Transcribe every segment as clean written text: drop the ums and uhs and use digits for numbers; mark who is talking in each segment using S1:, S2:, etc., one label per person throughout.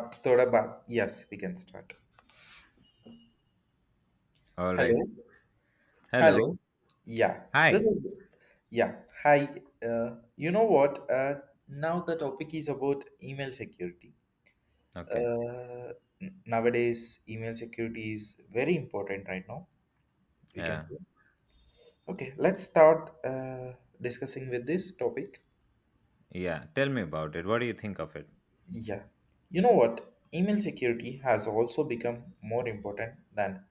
S1: Thoda ba- yes, we can start.
S2: All right.
S1: Hello,
S2: Hello.
S1: hello. Yeah, this
S2: Hi.
S1: is yeah. Hi. You know what? Now the topic is about email security.
S2: Okay.
S1: Uh, Nowadays, email security is very important right now. We can
S2: Yeah.
S1: say. Okay, let's start discussing with this topic.
S2: Yeah, tell me about it. What do you think of it?
S1: Yeah. You know what? Email security has also become more important than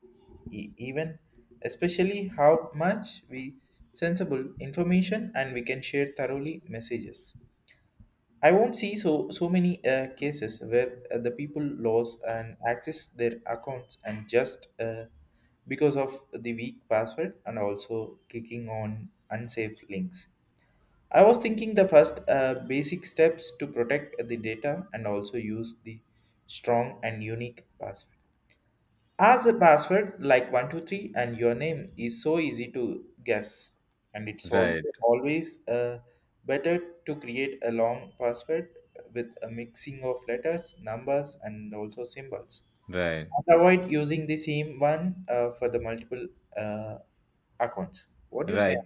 S1: even, especially how much we sensible information and we can share thoroughly messages. I won't see so many cases where the people lose and access their accounts and just because of the weak password and also clicking on unsafe links. I was thinking the first basic steps to protect the data and also use the strong and unique password. As a password like 123 and your name is so easy to guess and it's
S2: Right.
S1: also always better to create a long password with a mixing of letters, numbers and also symbols.
S2: Right.
S1: And avoid using the same one for the multiple uh, accounts. What do you say?
S2: Right.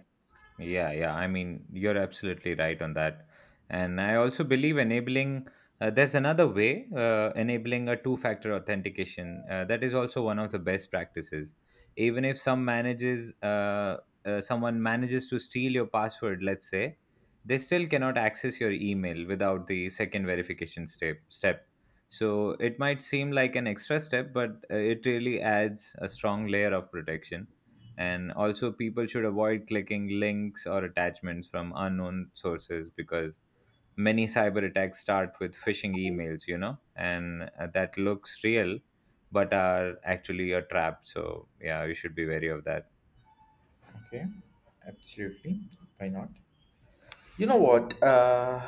S2: Yeah, yeah, I mean, you're absolutely right on that. And I also believe enabling, there's another way, enabling a two factor authentication. That is also one of the best practices. Even if someone manages to steal your password, let's say, they still cannot access your email without the second verification step. So it might seem like an extra step, but it really adds a strong layer of protection. And also, people should avoid clicking links or attachments from unknown sources because many cyber attacks start with phishing emails, you know, and that looks real but are actually a trap. So, yeah, you should be wary of that.
S1: Okay, absolutely. Why not? You know what? Uh,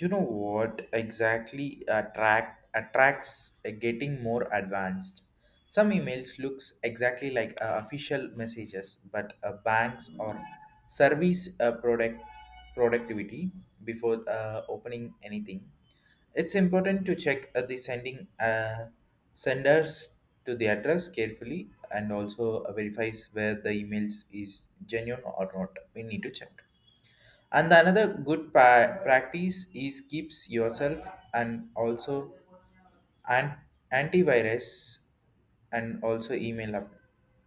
S1: you know what exactly attracts getting more advanced. Some emails looks exactly like official messages, but banks or service productivity before opening anything. It's important to check the sending senders to the address carefully and also verifies where the emails is genuine or not. We need to check. And another good practice is keeps yourself and also an antivirus and also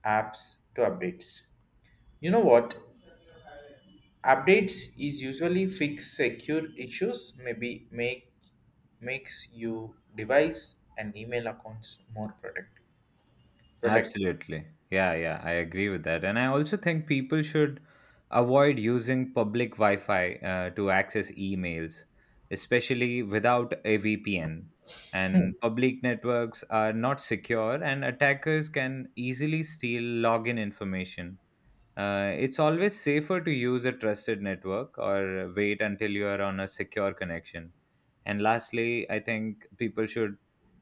S1: apps to updates. You know what? Updates is usually fix secure issues, maybe makes you device and email accounts more protected.
S2: Absolutely. Yeah, yeah, I agree with that. And I also think people should avoid using public Wi Fi to access emails, especially without a VPN. And public networks are not secure, and attackers can easily steal login information. It's always safer to use a trusted network or wait until you are on a secure connection. And lastly, I think people should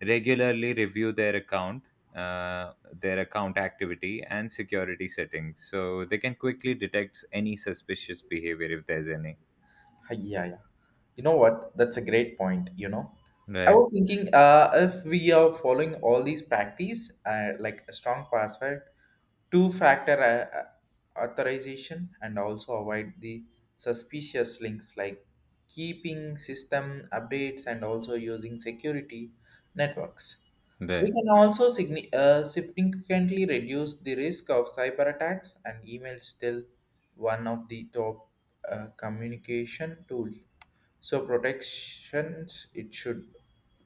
S2: regularly review their account activity, and security settings so they can quickly detect any suspicious behavior if there's any.
S1: Hi, yeah, yeah. You know what? That's a great point, you know. I
S2: Right,
S1: was thinking if we are following all these practice, like a strong password, two-factor authorization, and also avoid the suspicious links like keeping system updates and also using security networks.
S2: right.
S1: We can also significantly reduce the risk of cyber attacks, and email still one of the top communication tools. So protections, it should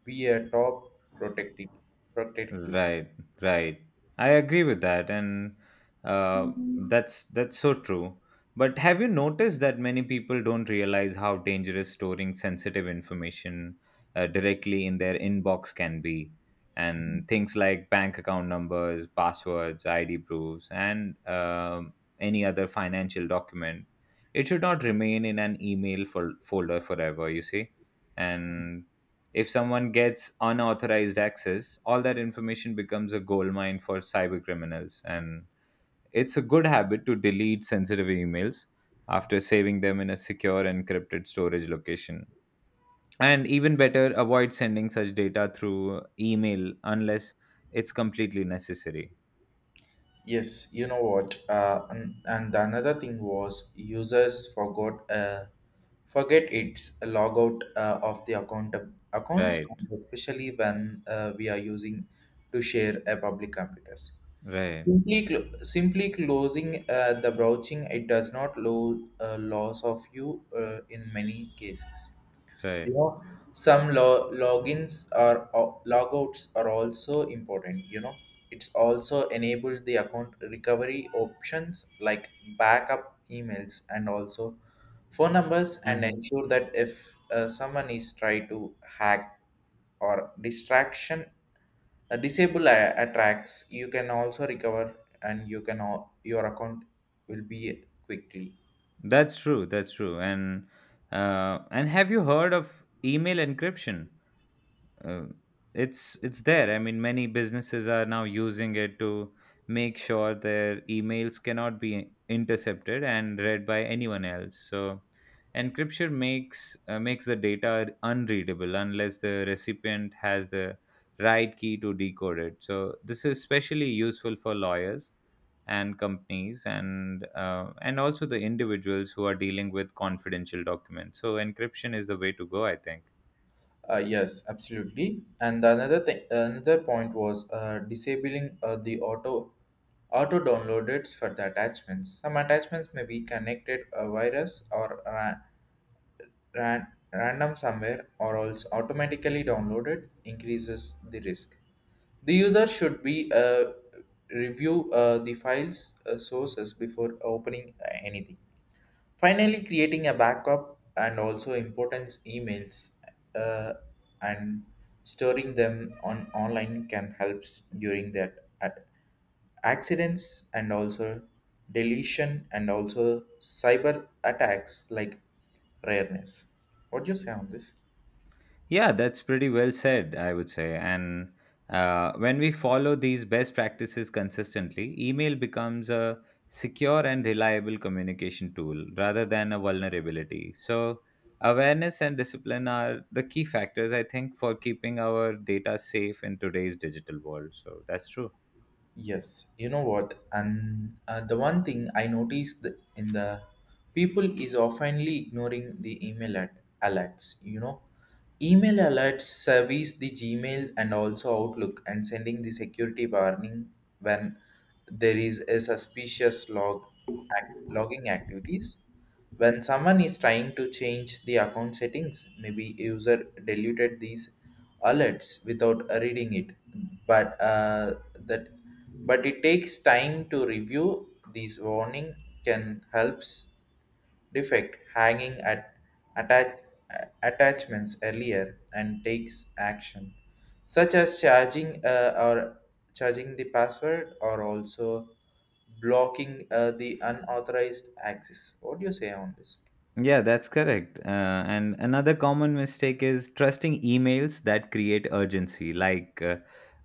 S1: be a top protected protectivity.
S2: Right, right. I agree with that, and uh, that's so true. But have you noticed that many people don't realize how dangerous storing sensitive information directly in their inbox can be? And things like bank account numbers, passwords, ID proofs, and any other financial document, it should not remain in an email folder forever. You see, and if someone gets unauthorized access, all that information becomes a goldmine for cyber criminals. And it's a good habit to delete sensitive emails after saving them in a secure encrypted storage location. And even better, avoid sending such data through email unless it's completely necessary.
S1: Yes, you know what? And the another thing was users forgot forget its logout of the accounts,
S2: Right,
S1: especially when we are using to share a public computers.
S2: right,
S1: Simply closing the browsing, it does not loss of you in many cases.
S2: right.
S1: You know, some logins or logouts are also important. You know, it's also enabled the account recovery options like backup emails and also phone numbers and
S2: Hmm.
S1: ensure that if someone is try to hack or distraction attacks, you can also recover and you can all, your account will be quickly.
S2: That's true. That's true. And have you heard of email encryption? uh, it's there. I mean, many businesses are now using it to make sure their emails cannot be intercepted and read by anyone else. So encryption makes makes the data unreadable unless the recipient has the right key to decode it. So this is especially useful for lawyers and companies, and and also the individuals who are dealing with confidential documents. So encryption is the way to go, I think.
S1: Yes, absolutely. And another thing, another point was disabling the auto downloaders for the attachments. Some attachments may be connected a virus or ran- random somewhere or also automatically downloaded increases the risk. The user should be review the files sources before opening anything. Finally, creating a backup and also importance emails uh, and storing them on online can helps during that at accidents and also deletion and also cyber attacks like rareness. What do you say on this?
S2: Yeah, that's pretty well said, I would say. And when we follow these best practices consistently, email becomes a secure and reliable communication tool rather than a vulnerability. So, awareness and discipline are the key factors, I think, for keeping our data safe in today's digital world. So, that's true.
S1: Yes, you know what? And the one thing I noticed in the people is oftenly ignoring the email at alerts. You know, email alerts service the Gmail and also Outlook and sending the security warning when there is a suspicious logging activities. When someone is trying to change the account settings, maybe user deleted these alerts without reading it, but that but it takes time to review these warning can helps defect hanging at atta- attachments earlier and takes action such as charging or charging the password or also blocking the unauthorized access. What do you say on this?
S2: Yeah, that's correct. And another common mistake is trusting emails that create urgency. Like, uh,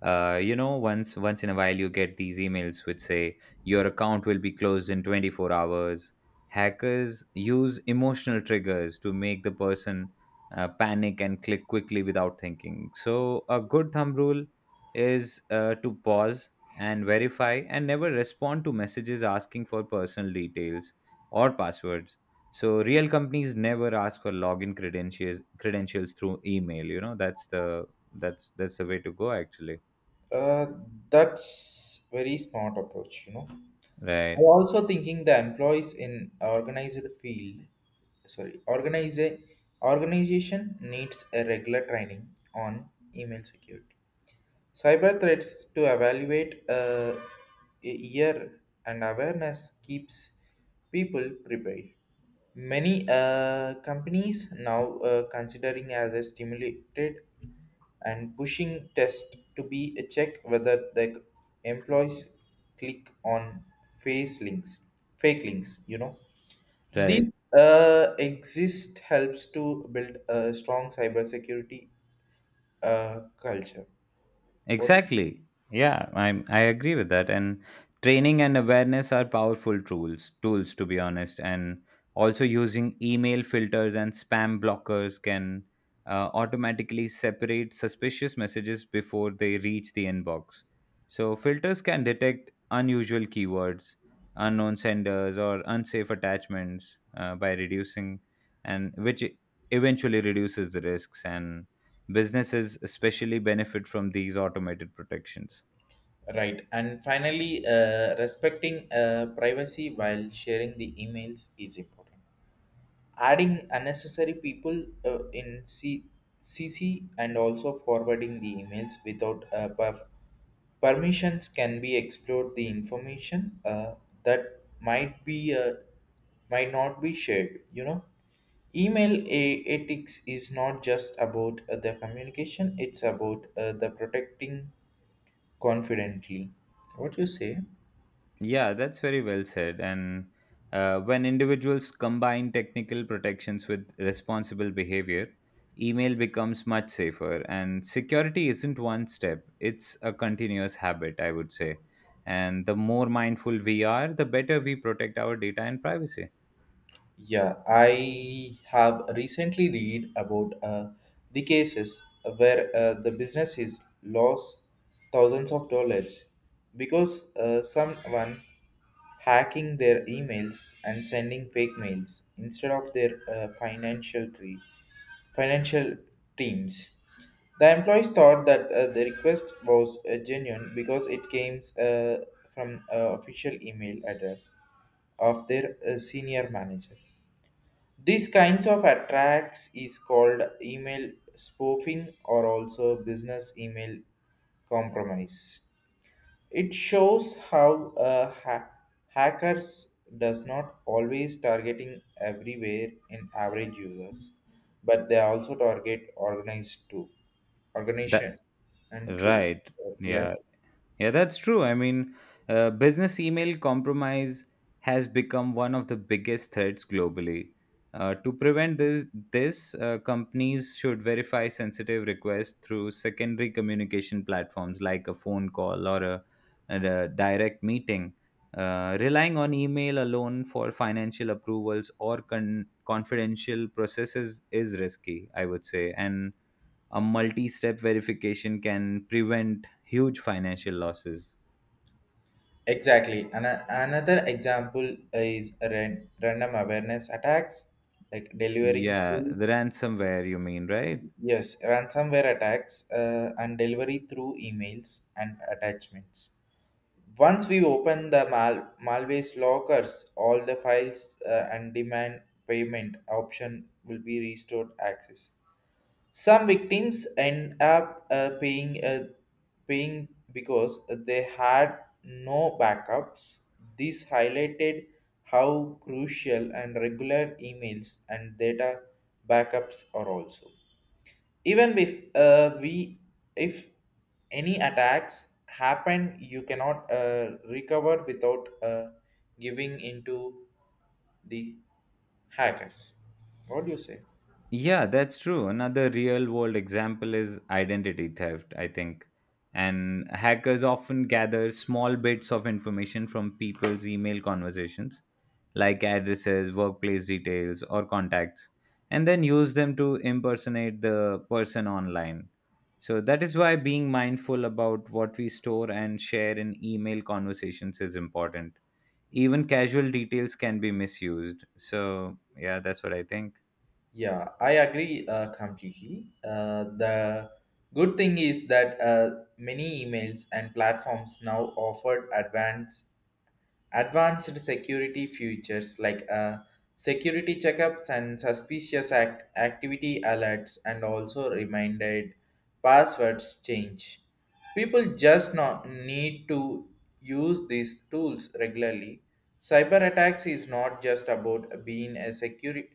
S2: uh, you know, once in a while you get these emails which say your account will be closed in 24 hours. Hackers use emotional triggers to make the person panic and click quickly without thinking. So, a good thumb rule is to pause and verify, and never respond to messages asking for personal details or passwords. So real companies never ask for login credentials through email. You know, that's the, that's the way to go, actually.
S1: uh, that's very smart approach, you know. I'm
S2: Right,
S1: also thinking the employees in organized field, sorry, organize organization needs a regular training on email security, cyber threats to evaluate a year, and awareness keeps people prepared. Many companies now considering as a stimulated and pushing test to be a check whether the employees click on face links fake links, you know.
S2: right.
S1: This exist helps to build a strong cybersecurity culture. What?
S2: Exactly. Yeah, I agree with that. And training and awareness are powerful tools, to be honest. And also using email filters and spam blockers can automatically separate suspicious messages before they reach the inbox. So filters can detect unusual keywords, unknown senders, or unsafe attachments by reducing and which eventually reduces the risks. And businesses especially benefit from these automated protections.
S1: Right, and finally respecting privacy while sharing the emails is important. Adding unnecessary people cc and also forwarding the emails without a buff permissions can be explored the information that might not be shared. You know, email ethics is not just about the communication; it's about the protecting confidently. What you say?
S2: Yeah, that's very well said. And when individuals combine technical protections with responsible behavior, email becomes much safer. And security isn't one step, it's a continuous habit, I would say. And the more mindful we are, the better we protect our data and privacy.
S1: Yeah, I have recently read about the cases where the business is lost thousands of dollars because someone hacking their emails and sending fake mails instead of their financial teams. The employees thought that the request was genuine because it came from an official email address of their senior manager. These kinds of attacks is called email spoofing or also business email compromise. It shows how hackers does not always targeting everywhere in average users, but they also target organized too, organization
S2: That
S1: and true.
S2: right. Yeah,
S1: Yes,
S2: yeah, that's true. I mean, business email compromise has become one of the biggest threats globally. To prevent this, companies should verify sensitive requests through secondary communication platforms like a phone call, and a direct meeting. Relying on email alone for financial approvals or confidential processes is risky, I would say, and a multi-step verification can prevent huge financial losses.
S1: exactly. And another example is random awareness attacks, like delivering
S2: Yeah,
S1: through
S2: the ransomware you mean, right?
S1: yes ransomware attacks and delivery through emails and attachments. Once we open the Malway's lockers, all the files and demand payment option will be restored access. Some victims end up paying because they had no backups. This highlighted how crucial and regular emails and data backups are also even if we if any attacks happen, you cannot recover without giving into the hackers. What do you say?
S2: Yeah, that's true. Another real world example is identity theft, I think. And hackers often gather small bits of information from people's email conversations, like addresses, workplace details, or contacts, and then use them to impersonate the person online. So that is why being mindful about what we store and share in email conversations is important. Even casual details can be misused. So, yeah, that's what I think.
S1: Yeah, I agree completely. The good thing is that many emails and platforms now offer advanced security features like security checkups and suspicious activity alerts, and also reminded passwords change. People just not need to use these tools regularly. Cyber attacks is not just about being a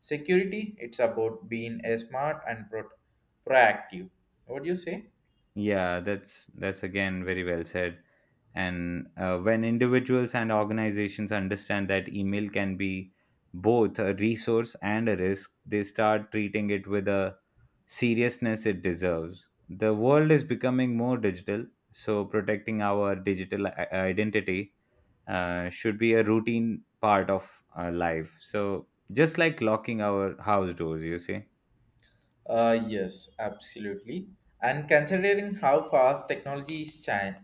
S1: security; it's about being a smart and proactive. What do you say?
S2: Yeah, that's again very well said. And when individuals and organizations understand that email can be both a resource and a risk, they start treating it with a seriousness it deserves. The world is becoming more digital, so protecting our digital identity should be a routine part of our life. So just like locking our house doors, you see.
S1: Yes, absolutely. And considering how fast technology is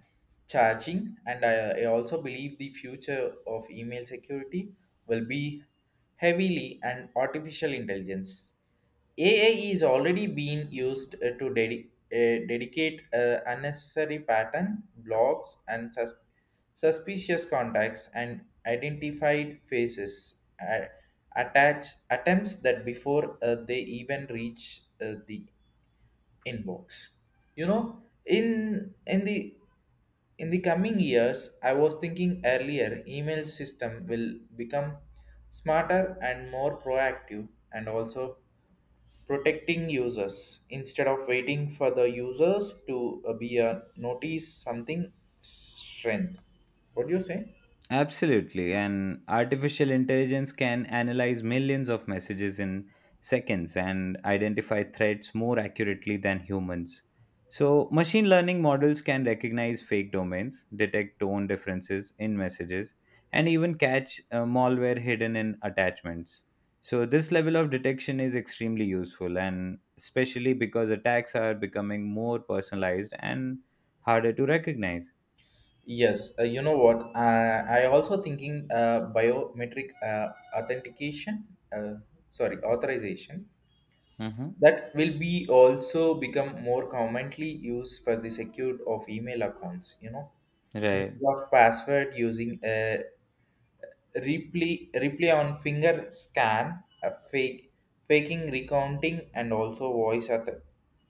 S1: charging, and I also believe the future of email security will be heavily and artificial intelligence. AI is already being used to dedicate unnecessary pattern blocks and suspicious contacts and identified faces attach attempts that before they even reach the inbox. You know, in the coming years, I was thinking earlier, email system will become smarter and more proactive and also protecting users instead of waiting for the users to be a notice something strength. What do you say?
S2: Absolutely. And artificial intelligence can analyze millions of messages in seconds and identify threats more accurately than humans. So, machine learning models can recognize fake domains, detect tone differences in messages, and even catch malware hidden in attachments. So, this level of detection is extremely useful, and especially because attacks are becoming more personalized and harder to recognize.
S1: Yes, you know what? I also thinking biometric authentication, uh, sorry, authorization
S2: Mm-hmm.
S1: that will be also become more commonly used for the secure of email accounts. You know,
S2: Right.
S1: instead of password using a replay on finger scan, a fake faking recounting, and also voice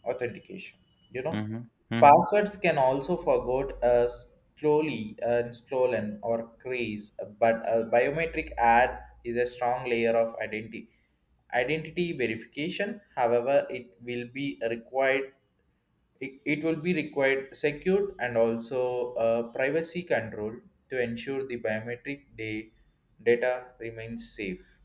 S1: authentication. You know,
S2: Mm-hmm. Mm-hmm.
S1: passwords can also forgot slowly and stolen or crease, but a biometric ad is a strong layer of identity verification. However, it will be required it will be required secured and also privacy control to ensure the biometric day data remains safe.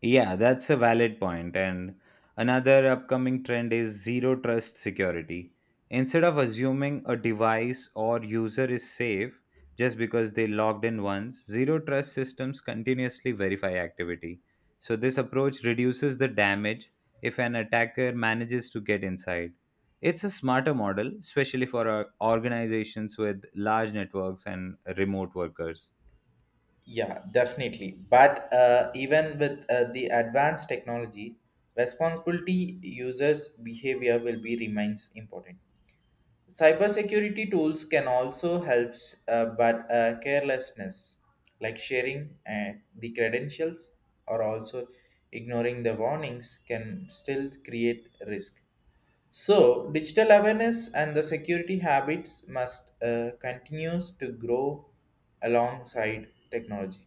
S2: Yeah, that's a valid point. And another upcoming trend is zero trust security. Instead of assuming a device or user is safe just because they logged in once, zero trust systems continuously verify activity. So, this approach reduces the damage if an attacker manages to get inside. It's a smarter model, especially for organizations with large networks and remote workers.
S1: Yeah, definitely. But even with the advanced technology, responsibility users behavior will be remains important. Cybersecurity tools can also help, but carelessness, like sharing the credentials or also ignoring the warnings, can still create risk. So, digital awareness and the security habits must continues to grow alongside technology.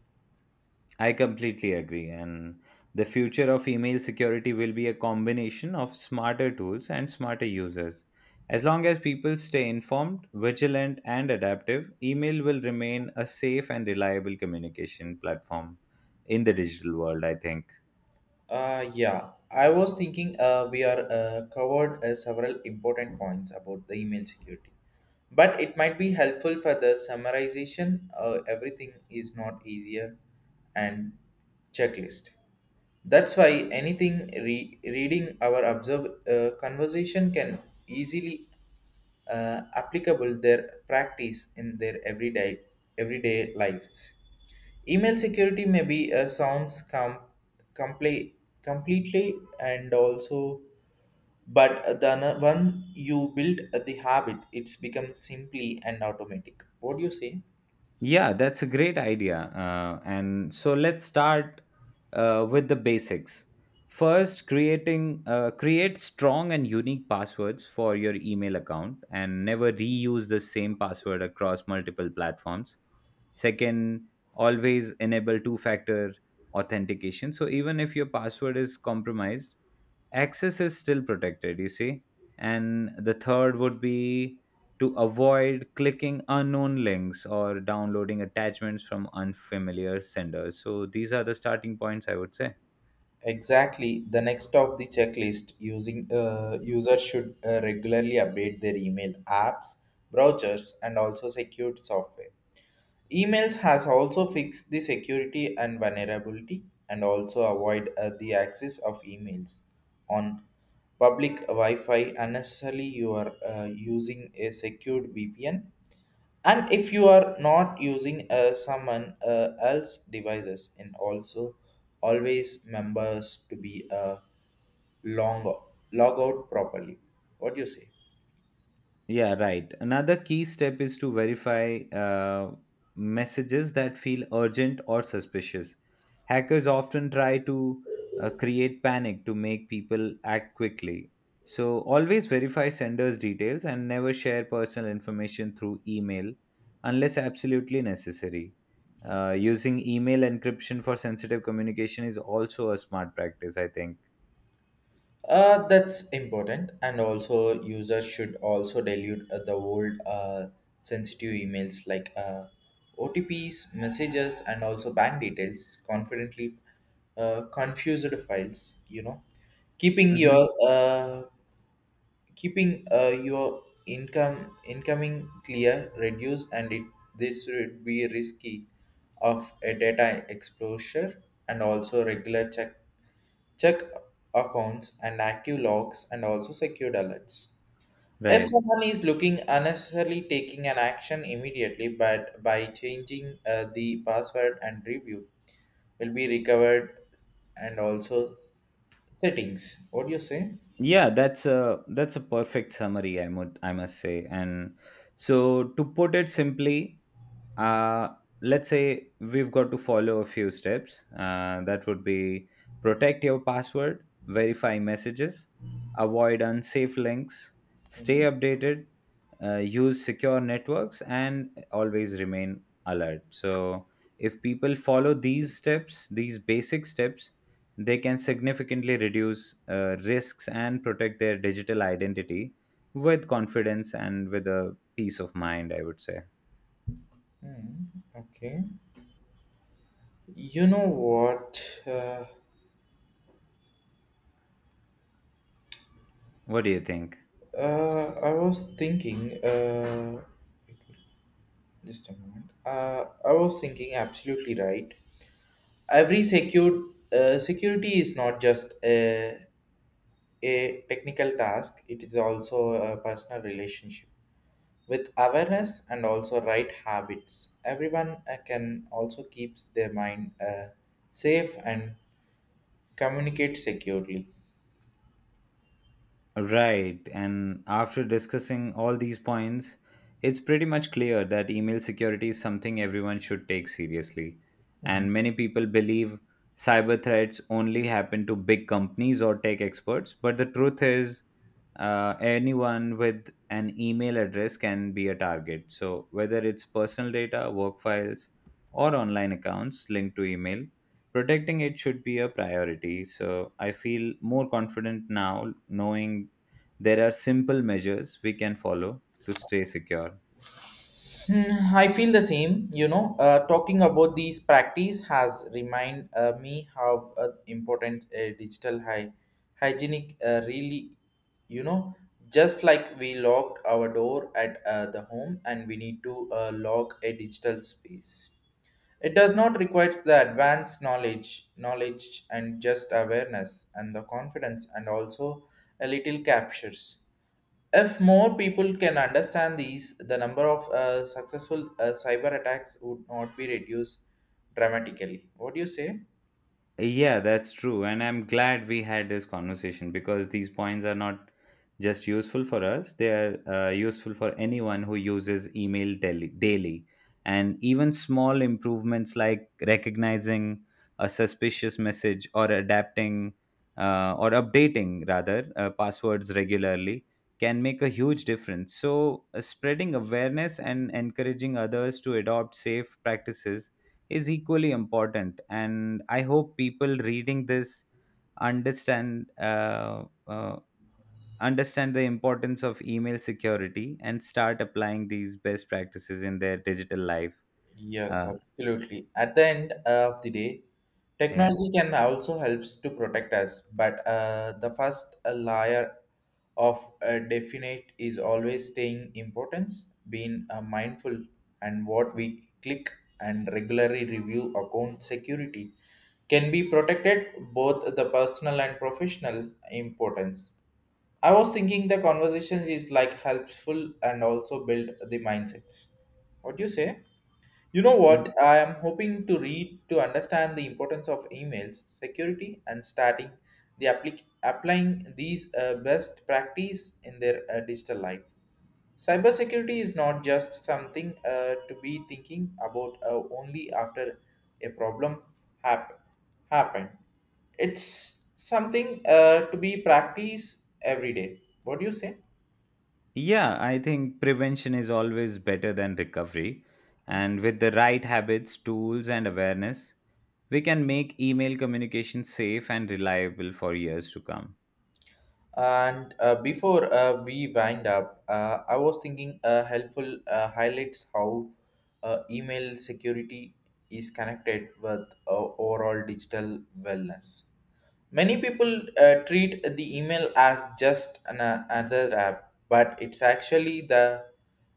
S2: I completely agree. And the future of email security will be a combination of smarter tools and smarter users. As long as people stay informed, vigilant, and adaptive, email will remain a safe and reliable communication platform in the digital world, I think.
S1: Yeah, I was thinking we are covered several important points about the email security, but it might be helpful for the summarization. Everything is not easier and checklist. That's why anything reading our observe conversation can easily applicable their practice in their everyday lives. Email security may be sounds compl- completely and also, but the one you build the habit it's become simply and automatic. What do you say?
S2: Yeah, that's a great idea. And so let's start with the basics. First, creating create strong and unique passwords for your email account, and never reuse the same password across multiple platforms. Second, always enable two-factor authentication. So even if your password is compromised, access is still protected, you see. And the third would be to avoid clicking unknown links or downloading attachments from unfamiliar senders. So these are the starting points, I would say.
S1: Exactly. The next of the checklist using users should regularly update their email apps, browsers, and also secured software. Emails has also fixed the security and vulnerability and also avoid the access of emails on public Wi-Fi unnecessarily. You are using a secured VPN, and if you are not using someone else devices. And also always members to be long log out properly. What do you say?
S2: Yeah, right. Another key step is to verify messages that feel urgent or suspicious. Hackers often try to create panic to make people act quickly. So, always verify sender's details and never share personal information through email unless absolutely necessary. Using email encryption for sensitive communication is also a smart practice, I think.
S1: That's important, and also users should also dilute the old sensitive emails like otps messages and also bank details confidently, confused files. Keeping
S2: Mhm.
S1: your income incoming clear reduce, and it this would be risky of a data exposure. And also regular check accounts and active logs and also secured alerts. If
S2: Right.
S1: someone is looking unnecessarily, taking an action immediately but by changing the password and review will be recovered and also settings. What do you say?
S2: Yeah, that's a perfect summary, I would, I must say. And so to put it simply, uh let's say we've got to follow a few steps that would be: protect your password, verify messages, avoid unsafe links, stay
S1: Mhm.
S2: updated, use secure networks, and always remain alert. So if people follow these steps, these basic steps, they can significantly reduce risks and protect their digital identity with confidence and with a peace of mind, I would say.
S1: Mhm. Okay. You know what?
S2: What do you think?
S1: I was thinking, just a moment. I was thinking, absolutely right. Every security is not just a technical task, it is also a personal relationship. With awareness and also right habits, everyone can also keeps their mind safe and communicate securely.
S2: Right. And after discussing all these points, it's pretty much clear that email security is something everyone should take seriously.
S1: Mm-hmm.
S2: And many people believe cyber threats only happen to big companies or tech experts. But the truth is, anyone with an email address can be a target. So, whether it's personal data, work files, or online accounts linked to email, protecting it should be a priority. So, I feel more confident now knowing there are simple measures we can follow to stay secure.
S1: Hmm, I feel the same. You know, talking about these practice has remind me how important digital hygienic really. You know, just like we locked our door at the home, and we need to lock a digital space. It does not requires the advanced knowledge and just awareness and the confidence, and also a little captures. If more people can understand these, the number of successful cyber attacks would not be reduced dramatically. What do you say?
S2: Yeah, that's true. And I'm glad we had this conversation because these points are not just useful for us, they are useful for anyone who uses email daily. And even small improvements like recognizing a suspicious message or adapting or updating, rather, passwords regularly can make a huge difference. So, spreading awareness and encouraging others to adopt safe practices is equally important. And I hope people reading this understand uh, uh, understand the importance of email security and start applying these best practices in their digital life.
S1: Yes,
S2: uh,
S1: absolutely. At the end of the day,
S2: yeah
S1: technology can also helps to protect us, but the first layer of a definite is always staying importance, being mindful and what we click and regularly review account security can be protected both the personal and professional importance. I was thinking the conversations is like helpful and also build the mindsets. What do you say? You know
S2: Y-
S1: what? I am hoping to read to understand the importance of emails security and starting the applying these best practice in their digital life. Cybersecurity is not just something to be thinking about only after a problem happen happened. It's something to be practiced every day. What do you say?
S2: yeah, I think prevention is always better than recovery. And with the right habits, tools, and awareness, we can make email communication safe and reliable for years to come.
S1: And before we wind up, I was thinking helpful highlights how email security is connected with overall digital wellness. Many people treat the email as just another app, but it's actually the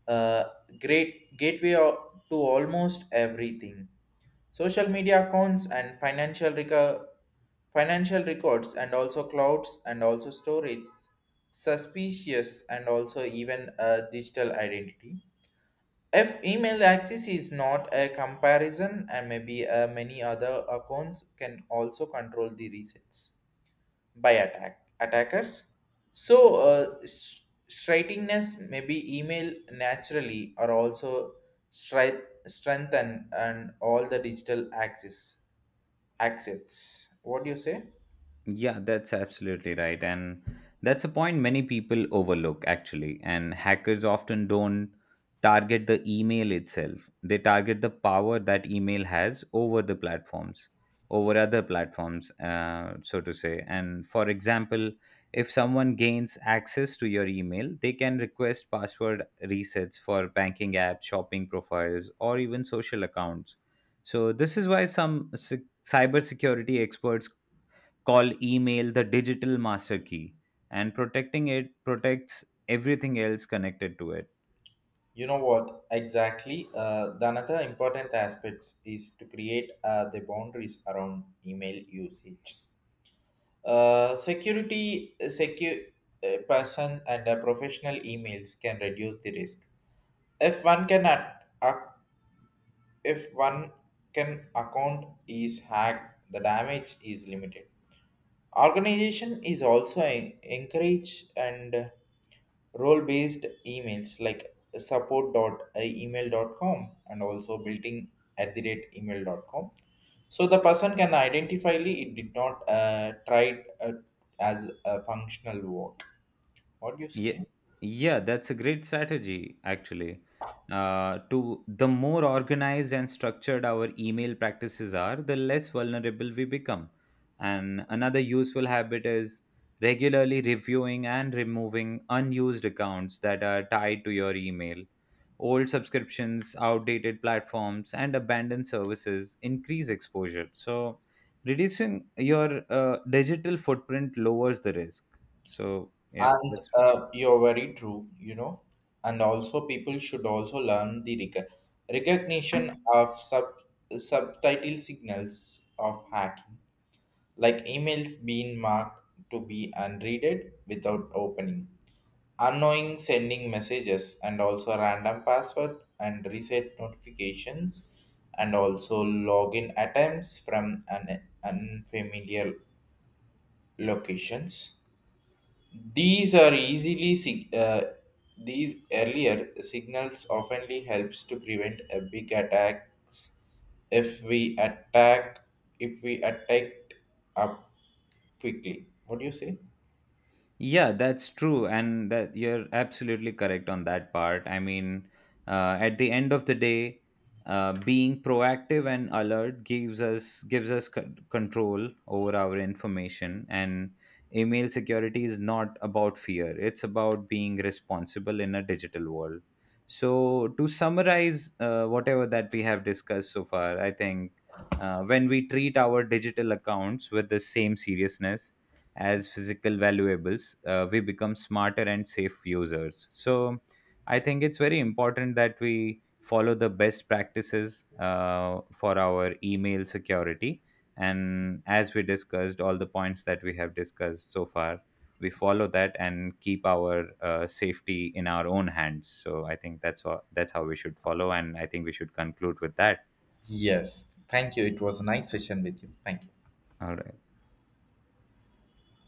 S1: uh, great gateway to almost everything. Social media accounts and financial records and also clouds and also storage, suspicious and also even a digital identity. If email access is not a comparison, and maybe many other accounts can also control the resets by attackers. So, strikingness may be email naturally or also strengthen and all the digital access. What do you say?
S2: Yeah, that's absolutely right. And that's a point many people overlook, actually. And hackers often don't target the email itself, they target the power that email has over the platforms, over other platforms, so to say. And for example, if someone gains access to your email, they can request password resets for banking apps, shopping profiles, or even social accounts. So, this is why some cybersecurity experts call email the digital master key, and protecting it protects everything else connected to it.
S1: You know what exactly? The another important aspects is to create the boundaries around email usage. Security secure person and professional emails can reduce the risk. If one can at- ac- If one can account is hacked, the damage is limited. Organization is also encourage and role based emails like support dot support.email.com and also building@email.com. So the person can identify it did not try it, as a functional work. What do you
S2: Yeah,
S1: say?
S2: yeah, that's a great strategy, actually. To the more organized and structured our email practices are, the less vulnerable we become. And another useful habit is regularly reviewing and removing unused accounts that are tied to your email. Old subscriptions, outdated platforms, and abandoned services increase exposure. So, reducing your digital footprint lowers the risk. So, yeah,
S1: And
S2: that's.
S1: you're very true, you know. And also, people should also learn the recognition of subtitle signals of hacking, like emails being marked to be unreaded without opening, unknowing sending messages, and also random password and reset notifications, and also login attempts from an unfamiliar locations. these are easily sig- uh, these earlier signals oftenly helps to prevent a big attacks if we attack if we attacked up quickly. What do you say?
S2: Yeah, that's true, and that you're absolutely correct on that part. I mean, at the end of the day, being proactive and alert gives us control over our information. And email security is not about fear; it's about being responsible in a digital world. So, to summarize whatever that we have discussed so far, I think when we treat our digital accounts with the same seriousness as physical valuables, we become smarter and safe users. So I think it's very important that we follow the best practices for our email security. And as we discussed, all the points that we have discussed so far, we follow that and keep our safety in our own hands. So I think that's all, that's how we should follow, and I think we should conclude with that.
S1: Yes. Thank you. It was a nice session with you. Thank you.
S2: All right.